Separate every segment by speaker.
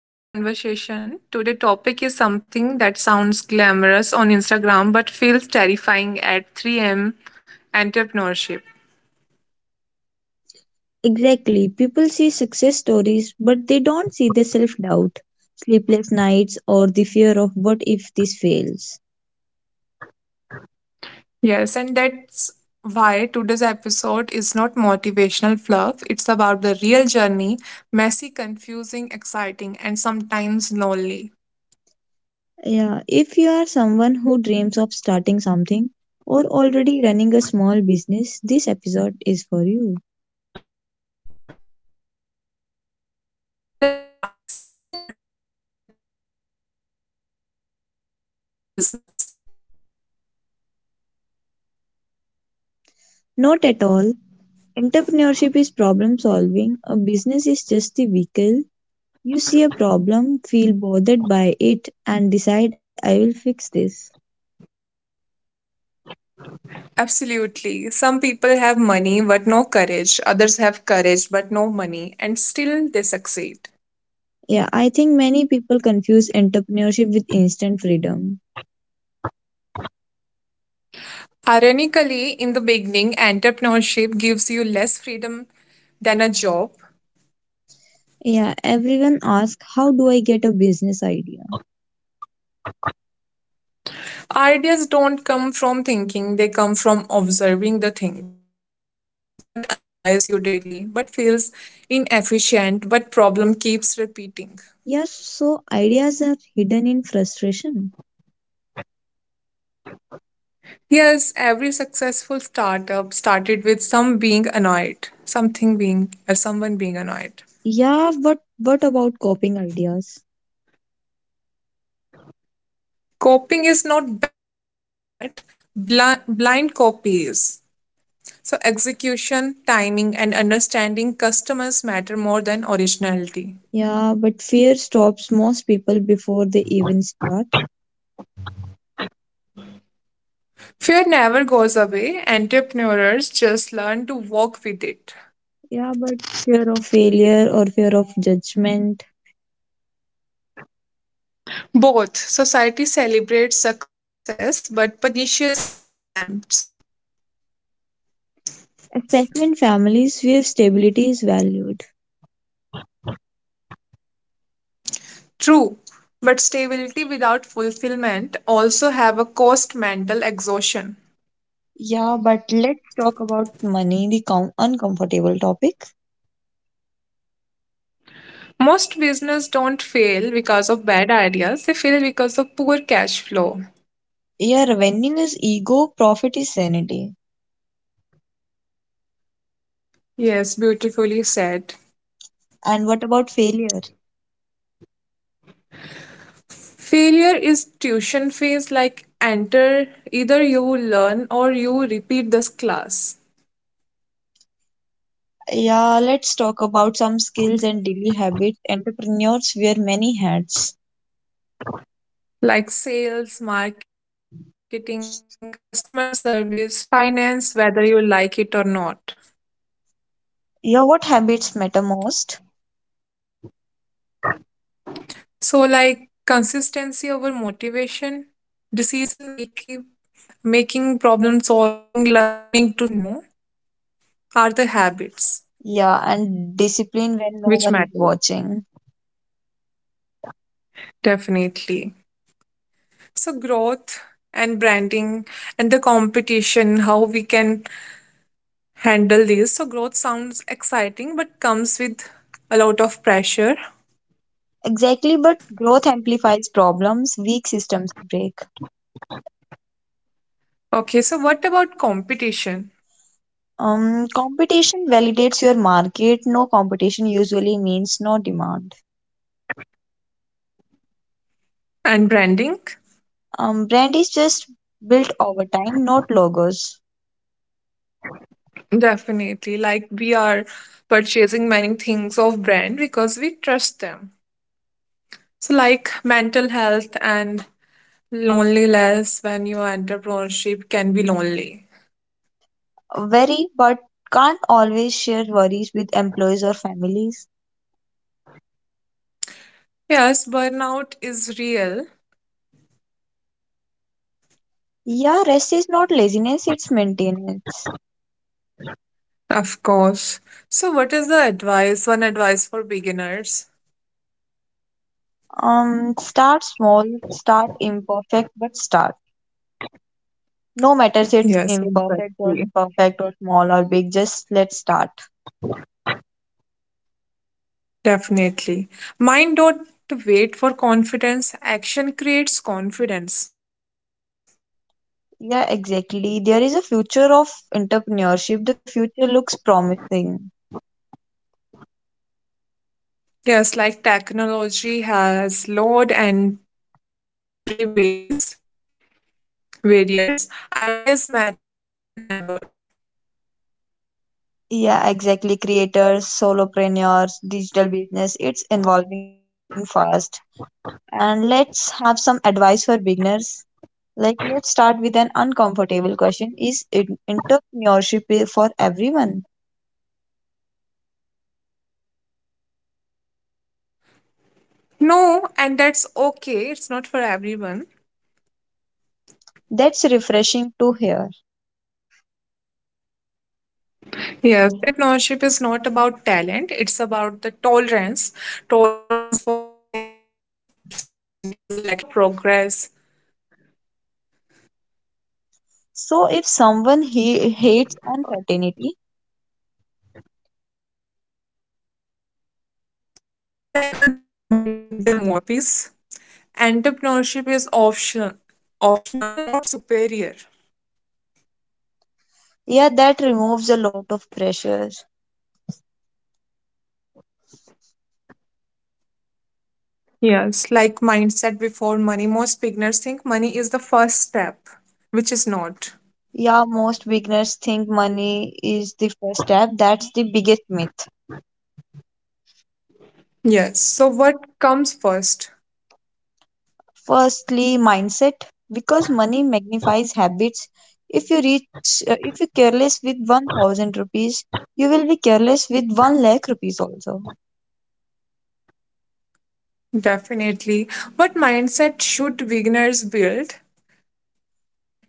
Speaker 1: dive conversation. Today' topic is something that sounds glamorous on Instagram but feels terrifying at 3 a.m. entrepreneurship.
Speaker 2: Exactly. People see success stories, but they don't see the self doubt, sleepless nights, or the fear of what if this fails.
Speaker 1: Yes, and that's why today's episode is not motivational fluff. It's about the real journey messy, confusing, exciting, and sometimes lonely.
Speaker 2: Yeah, if you are someone who dreams of starting something or already running a small business, this episode is for you.
Speaker 1: Let's start simple. What is entrepreneurship? Is it just starting a business?
Speaker 2: Not at all. Entrepreneurship is problem solving, a business is just the vehicle. You see a problem, feel bothered by it, and decide, I will fix this.
Speaker 1: Absolutely. Some people have money but no courage, others have courage but no money, and still they succeed.
Speaker 2: Yeah, I think many people confuse entrepreneurship with instant freedom.
Speaker 1: Ironically, in the beginning, entrepreneurship gives you less freedom than a job.
Speaker 2: Yeah, everyone asks, how do I get a business idea?
Speaker 1: Ideas don't come from thinking, they come from observing the things. What annoys you daily, what feels inefficient, what problem keeps repeating.
Speaker 2: Yes, so ideas are hidden in frustration.
Speaker 1: Yes, every successful startup started with some being annoyed, something being, or someone being annoyed.
Speaker 2: Yeah, but what about coping ideas?
Speaker 1: Copying is not bad, blind copy is. So, execution, timing, and understanding customers matter more than originality.
Speaker 2: Yeah, but fear stops most people before they even start.
Speaker 1: Fear never goes away, entrepreneurs just learn to walk with it.
Speaker 2: Yeah, but fear of failure or fear of judgment,
Speaker 1: Both society celebrates success but punishes attempts.
Speaker 2: especially in families where stability is valued.
Speaker 1: True, but stability without fulfillment also have a cost mental exhaustion.
Speaker 2: Yeah, but let's talk about money, the uncomfortable topic.
Speaker 1: Most business don't fail because of bad ideas, they fail because of poor cash flow.
Speaker 2: Yeah, revenue is ego, profit is sanity.
Speaker 1: Yes, beautifully said.
Speaker 2: And what about failure?
Speaker 1: Failure is tuition phase like enter either you learn or you repeat this class.
Speaker 2: Yeah, let's talk about some skills and daily habits. Entrepreneurs wear many hats.
Speaker 1: Like sales, marketing, customer service, finance, whether you like it or not.
Speaker 2: Yeah, what habits matter most?
Speaker 1: So like consistency over motivation, decision making problem solving, learning to say no are the habits.
Speaker 2: Yeah, and discipline when no one is
Speaker 1: Which matters
Speaker 2: watching.
Speaker 1: definitely. So growth and branding and the competition, how we can handle these. So growth sounds exciting but comes with a lot of pressure.
Speaker 2: Exactly, but growth amplifies problems, weak systems break.
Speaker 1: Okay, so what about competition
Speaker 2: Competition validates your market. No competition usually means no demand.
Speaker 1: and branding.
Speaker 2: Brand is just built over time, not logos.
Speaker 1: Definitely, like we are purchasing many things of brand because we trust them. So like mental health and loneliness, when your entrepreneurship can be lonely.
Speaker 2: Very, but can't always share worries with employees or families.
Speaker 1: Yes, burnout is real,
Speaker 2: Yeah, rest is not laziness, it's maintenance.
Speaker 1: of course. So, what is the advice? One advice for beginners?
Speaker 2: Start small, start imperfect, but start. No matters it's
Speaker 1: Yes,
Speaker 2: imperfect or
Speaker 1: exactly.
Speaker 2: perfect or small or big, just let's start.
Speaker 1: Definitely. Mind don't wait for confidence. Action creates confidence.
Speaker 2: Yeah, exactly. There is a future of entrepreneurship. The future looks promising.
Speaker 1: Yes, like technology has load and tree berries, barriers. Ideas matter more than ever.
Speaker 2: Yeah, exactly. Creators, solopreneurs, digital business, it's evolving fast. And let's have some advice for beginners. Like, let's start with an uncomfortable question. Is entrepreneurship for everyone?
Speaker 1: No, and that's okay. It's not for everyone.
Speaker 2: That's refreshing to hear.
Speaker 1: Yes, entrepreneurship is not about talent, it's about the tolerance for uncertainties, rejection, slow progress.
Speaker 2: So, if someone he hates uncertainty,
Speaker 1: So then a job might give them more peace. Entrepreneurship is optional, not superior.
Speaker 2: yeah, that removes a lot of pressure.
Speaker 1: Yes, like mindset before money, most beginners think money is the first step, which is not.
Speaker 2: Yeah, most beginners think money is the first step. That's the biggest myth.
Speaker 1: Yes, so what comes first?
Speaker 2: Firstly, mindset. Because money magnifies habits. If you if you careless with 1000 rupees, you will be careless with 1 lakh rupees also.
Speaker 1: Definitely. What mindset should beginners build?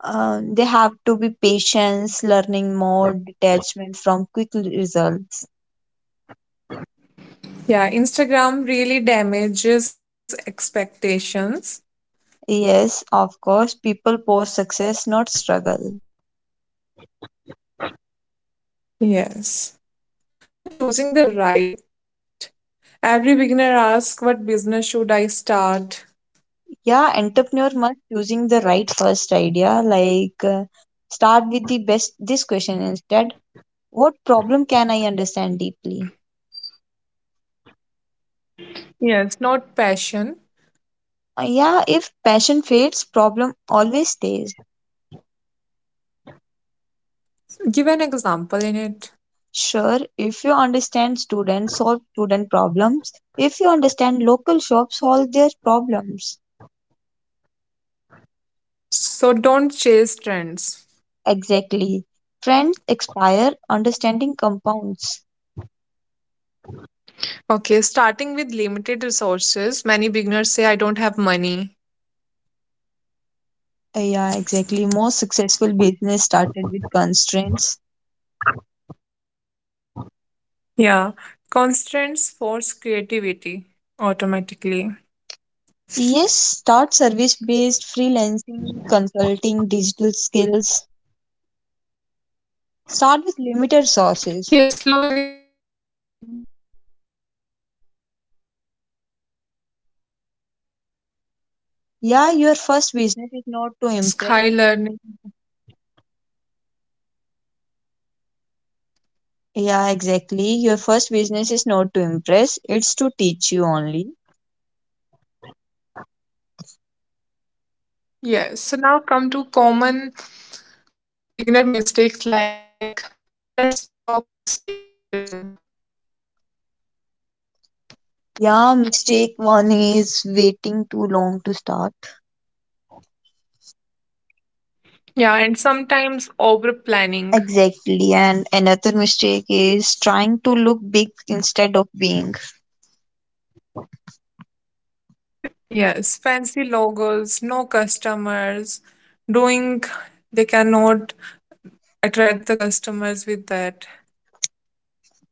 Speaker 2: They have to be patience, learning more, detachment from quick results.
Speaker 1: Yeah, Instagram really damages expectations.
Speaker 2: Yes, of course, people post success, not struggle.
Speaker 1: Yes. For choosing the right, every beginner asks, what business should I start?
Speaker 2: Yeah, entrepreneur must choosing the right first idea. Start with the best. This question instead: what problem can I understand deeply?
Speaker 1: Yes, not passion.
Speaker 2: Yeah, if passion fades, problem always stays.
Speaker 1: Give an example in it.
Speaker 2: Sure, if you understand students, solve student problems. If you understand local shops, solve their problems.
Speaker 1: So don't chase trends.
Speaker 2: Exactly. Trends expire, understanding compounds.
Speaker 1: Okay, starting with limited resources, many beginners say, I don't have money.
Speaker 2: Yeah, exactly. Most successful business started with constraints.
Speaker 1: Yeah, constraints force creativity automatically.
Speaker 2: Yes, start service based freelancing, consulting, digital skills. Start with limited sources.
Speaker 1: Yes, low risk, high learning.
Speaker 2: Yeah, your first business is
Speaker 1: Low
Speaker 2: not to
Speaker 1: risk,
Speaker 2: impress.
Speaker 1: high learning.
Speaker 2: Yeah, exactly. Your first business is not to impress, it's to teach you only.
Speaker 1: Yes, so now come to common beginner mistakes, like let's talk mistakes, what they do.
Speaker 2: Yeah, mistake one is waiting too long to start.
Speaker 1: Yeah, and sometimes over planning.
Speaker 2: Exactly. And another mistake is trying to look big instead of being.
Speaker 1: Yes, fancy logos, no customers, doing they cannot attract the customers with that.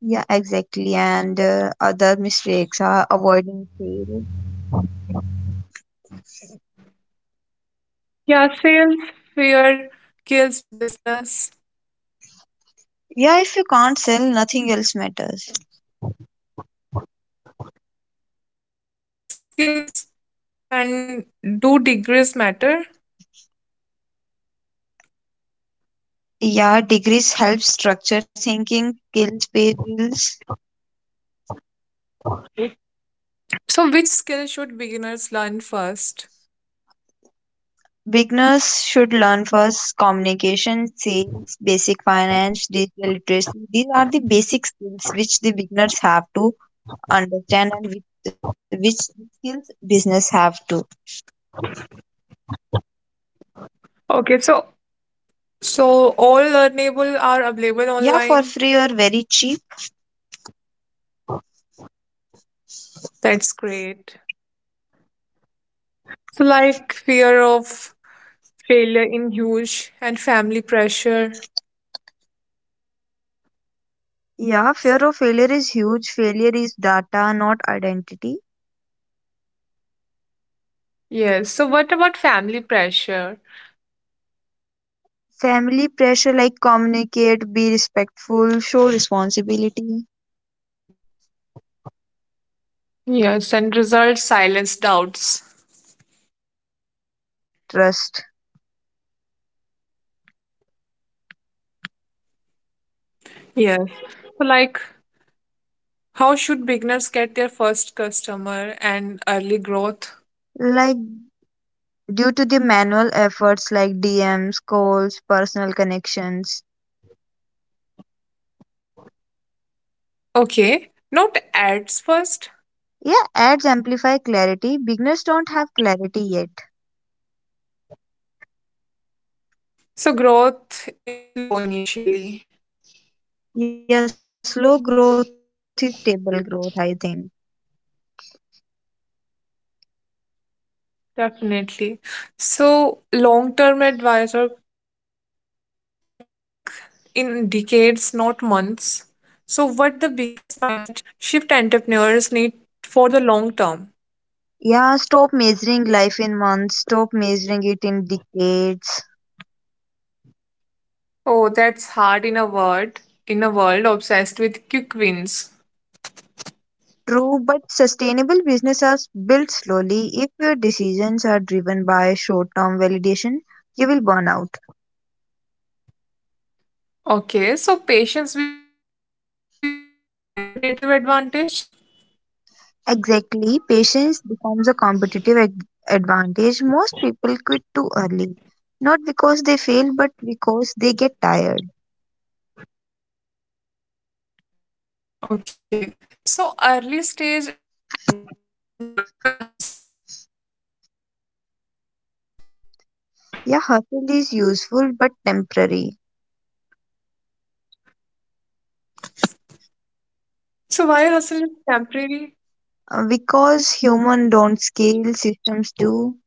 Speaker 2: Yeah, exactly. And other mistakes are avoiding sales.
Speaker 1: Yeah, sales fear kills business.
Speaker 2: Yeah, if you can't sell, nothing else matters.
Speaker 1: Yes, skills and do degrees matter?
Speaker 2: Yeah, degrees help structure thinking, kills pay bills.
Speaker 1: So, which skill should beginners learn first?
Speaker 2: Beginners should learn first communication, sales, basic finance, digital literacy. These are the basic skills which the beginners have to understand and which skills business have to.
Speaker 1: Okay, so so all learnable are available
Speaker 2: Yeah, for
Speaker 1: online.
Speaker 2: free or very cheap.
Speaker 1: That's great. So like fear of failure in huge and family pressure.
Speaker 2: Yeah, fear of failure is huge. Failure is data, not identity.
Speaker 1: Yes. So what about family pressure?
Speaker 2: Family pressure like communicate, be respectful, show responsibility.
Speaker 1: Yes, and results silence doubts.
Speaker 2: Exactly, and consistency builds trust.
Speaker 1: Yes. So like how should beginners get their first customer and early growth?
Speaker 2: Like due to the manual efforts like DMs, calls, personal connections.
Speaker 1: Okay. Not ads first.
Speaker 2: Yeah, ads amplify clarity. Beginners don't have clarity yet.
Speaker 1: So growth is slow initially.
Speaker 2: Yeah, slow growth is stable growth, I think.
Speaker 1: Definitely. So long-term advisor, like think in decades not months. So what the biggest mindset shift entrepreneurs need for the long term.
Speaker 2: Yeah, stop measuring life in months, stop measuring it in decades.
Speaker 1: Oh, that's hard in a word, in a world obsessed with quick wins.
Speaker 2: True, but sustainable business are built slowly. If your decisions are driven by short term validation, you will burn out.
Speaker 1: Okay, so patience becomes a competitive advantage.
Speaker 2: Exactly, patience becomes a competitive advantage. Most people quit too early, not because they fail, but because they get tired.
Speaker 1: Okay, so early stage entrepreneurs glorify hustle.
Speaker 2: Yeah, hustle is useful but temporary.
Speaker 1: So why hustle is temporary.
Speaker 2: Because human don't scale, systems do.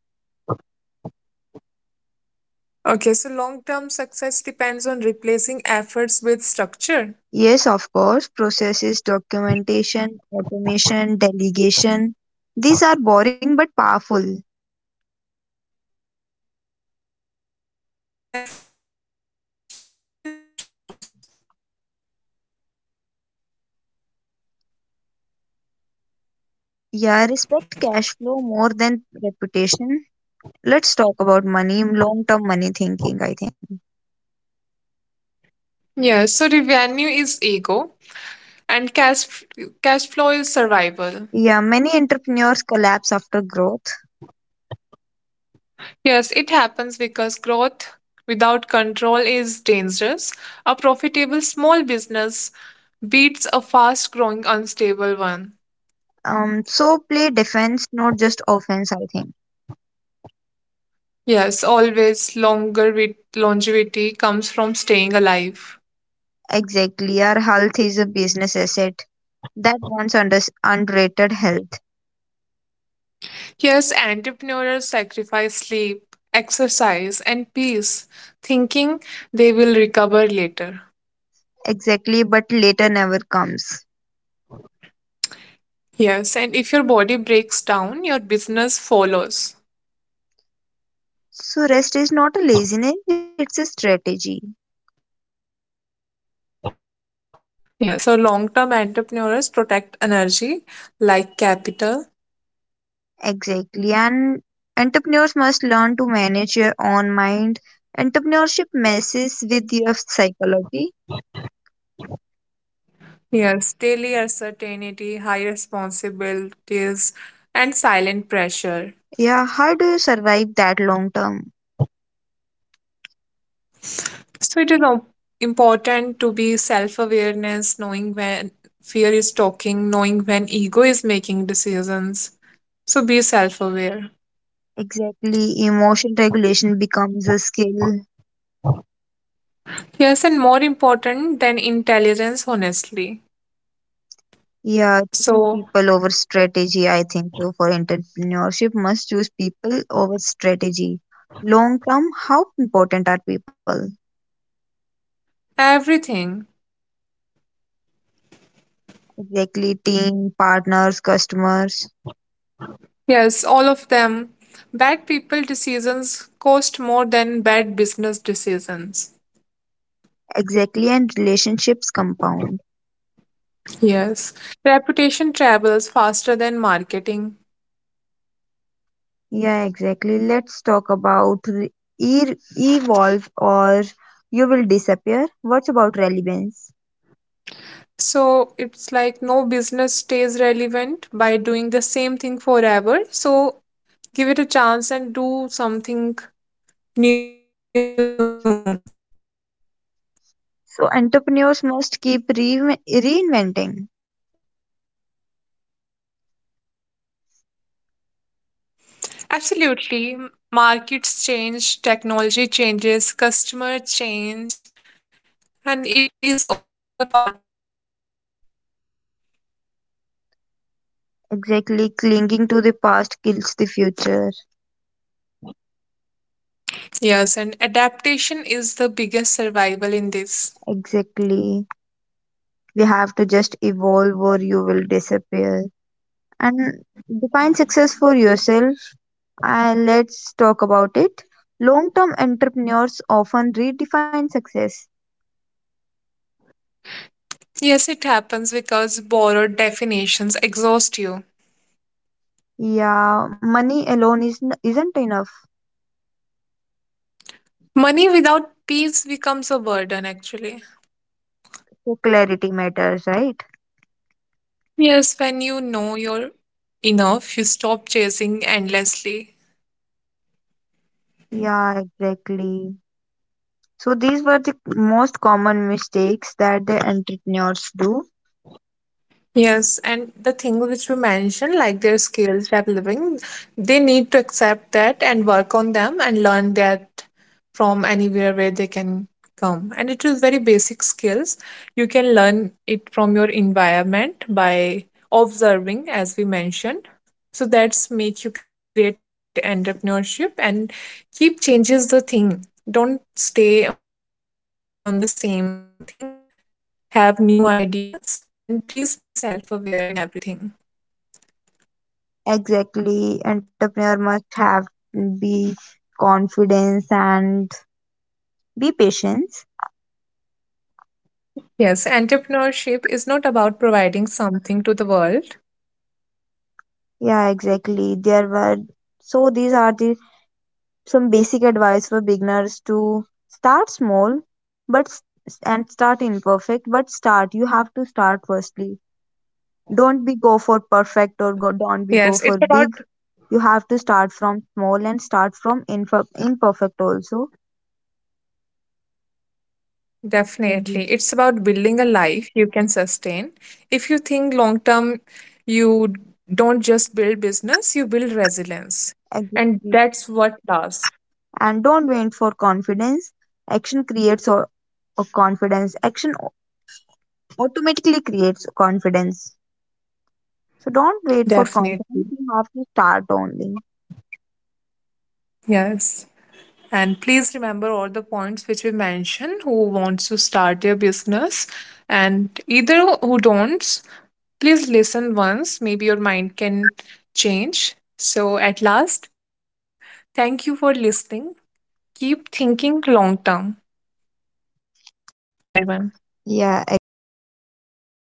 Speaker 1: Okay, so long term success depends on replacing efforts with structure.
Speaker 2: Yes, of course, processes, documentation, automation, delegation. These are boring but powerful.
Speaker 1: Yes, and freedom comes from structure, not chaos.
Speaker 2: Yeah, I respect cash flow more than reputation. Let's talk about money, long term money thinking, I think.
Speaker 1: Yes, so revenue is ego and cash flow is survival.
Speaker 2: Yeah, many entrepreneurs collapse after growth.
Speaker 1: Yes, it happens because growth without control is dangerous. A profitable small business beats a fast growing unstable one.
Speaker 2: So play defense, not just offense, I think.
Speaker 1: Yes, always longer with longevity comes from staying alive.
Speaker 2: Exactly. Our health is a business asset that once underrated health.
Speaker 1: Yes, entrepreneurs sacrifice sleep, exercise, and peace, thinking they will recover later.
Speaker 2: Exactly, but later never comes.
Speaker 1: Yes, and if your body breaks down, your business follows.
Speaker 2: So rest is not a laziness, it's a strategy.
Speaker 1: Yes, so long term entrepreneurs protect energy like capital.
Speaker 2: Exactly. And entrepreneurs must learn to manage your own mind. Entrepreneurship messes with your psychology.
Speaker 1: Yes, daily uncertainty, high responsibilities, and silent pressure.
Speaker 2: Yeah, how do you survive that long term?
Speaker 1: So it is important to be self awareness, knowing when fear is talking, knowing when ego is making decisions. So be self aware.
Speaker 2: Exactly. Emotion regulation becomes a skill.
Speaker 1: Yes, and more important than intelligence, honestly.
Speaker 2: Yeah, choose
Speaker 1: So
Speaker 2: people over strategy, I think so. For entrepreneurship, must choose people over strategy. Long term, how important are people?
Speaker 1: everything.
Speaker 2: Exactly, team, partners, customers.
Speaker 1: Yes, all of them. Bad people decisions cost more than bad business decisions.
Speaker 2: Exactly, and relationships compound.
Speaker 1: Yes. Reputation travels faster than marketing.
Speaker 2: Yeah, exactly. Let's talk about evolve or you will disappear. What about relevance?
Speaker 1: So it's like no business stays relevant by doing the same thing forever. So give it a chance and do something new.
Speaker 2: So, entrepreneurs must keep reinventing.
Speaker 1: Absolutely. Markets change, technology changes, customer change, and it is all part of entrepreneurship.
Speaker 2: Exactly. Clinging to the past kills the future.
Speaker 1: Yes, and adaptation is the biggest survival in this.
Speaker 2: Exactly. We have to just evolve or you will disappear. And define success for yourself. And let's talk about it. Long term entrepreneurs often redefine success.
Speaker 1: Yes, it happens because borrowed definitions exhaust you.
Speaker 2: Yeah, money alone is isn't enough.
Speaker 1: Money without peace becomes a burden, actually.
Speaker 2: So clarity matters, right?
Speaker 1: Yes, when you know you're enough, you stop chasing endlessly.
Speaker 2: Yeah, exactly. So these were the most common mistakes that the entrepreneurs do.
Speaker 1: Yes, and the thing which we mentioned, like their skills developing, they need to accept that and work on them and learn that from anywhere where they can come. And it is very basic skills. You can learn it from your environment by observing, as we mentioned. So that's make you create entrepreneurship and keep changes the thing. Don't stay on the same thing, have new ideas, and please be self aware in everything.
Speaker 2: Exactly, entrepreneur must have be confidence and be patience.
Speaker 1: Yes, entrepreneurship is not about providing something to the world.
Speaker 2: Yeah, exactly. There were so these are the some basic advice for beginners to start small, but and start imperfect, but start. You have to start firstly. Don't be go
Speaker 1: Yes,
Speaker 2: for
Speaker 1: it's about,
Speaker 2: perfect or go, don't be go for big. You have to start from small and start from imperfect also.
Speaker 1: definitely, it's about
Speaker 2: Mhm.
Speaker 1: building a life you can sustain. If you think long term, you don't just build business, you build resilience. And that's
Speaker 2: Exactly.
Speaker 1: what does.
Speaker 2: And don't wait for confidence. Action creates or, confidence. Action automatically creates confidence. So don't wait for
Speaker 1: Definitely.
Speaker 2: confidence. You have to start only.
Speaker 1: Yes. And please remember all the points which we mentioned who wants to start their business and either who don't, please listen once. Maybe your mind can change. So, at last, thank you for listening. Keep thinking long term.
Speaker 2: Yeah,
Speaker 1: Thank you, everyone.
Speaker 2: exactly. Thank you for listening.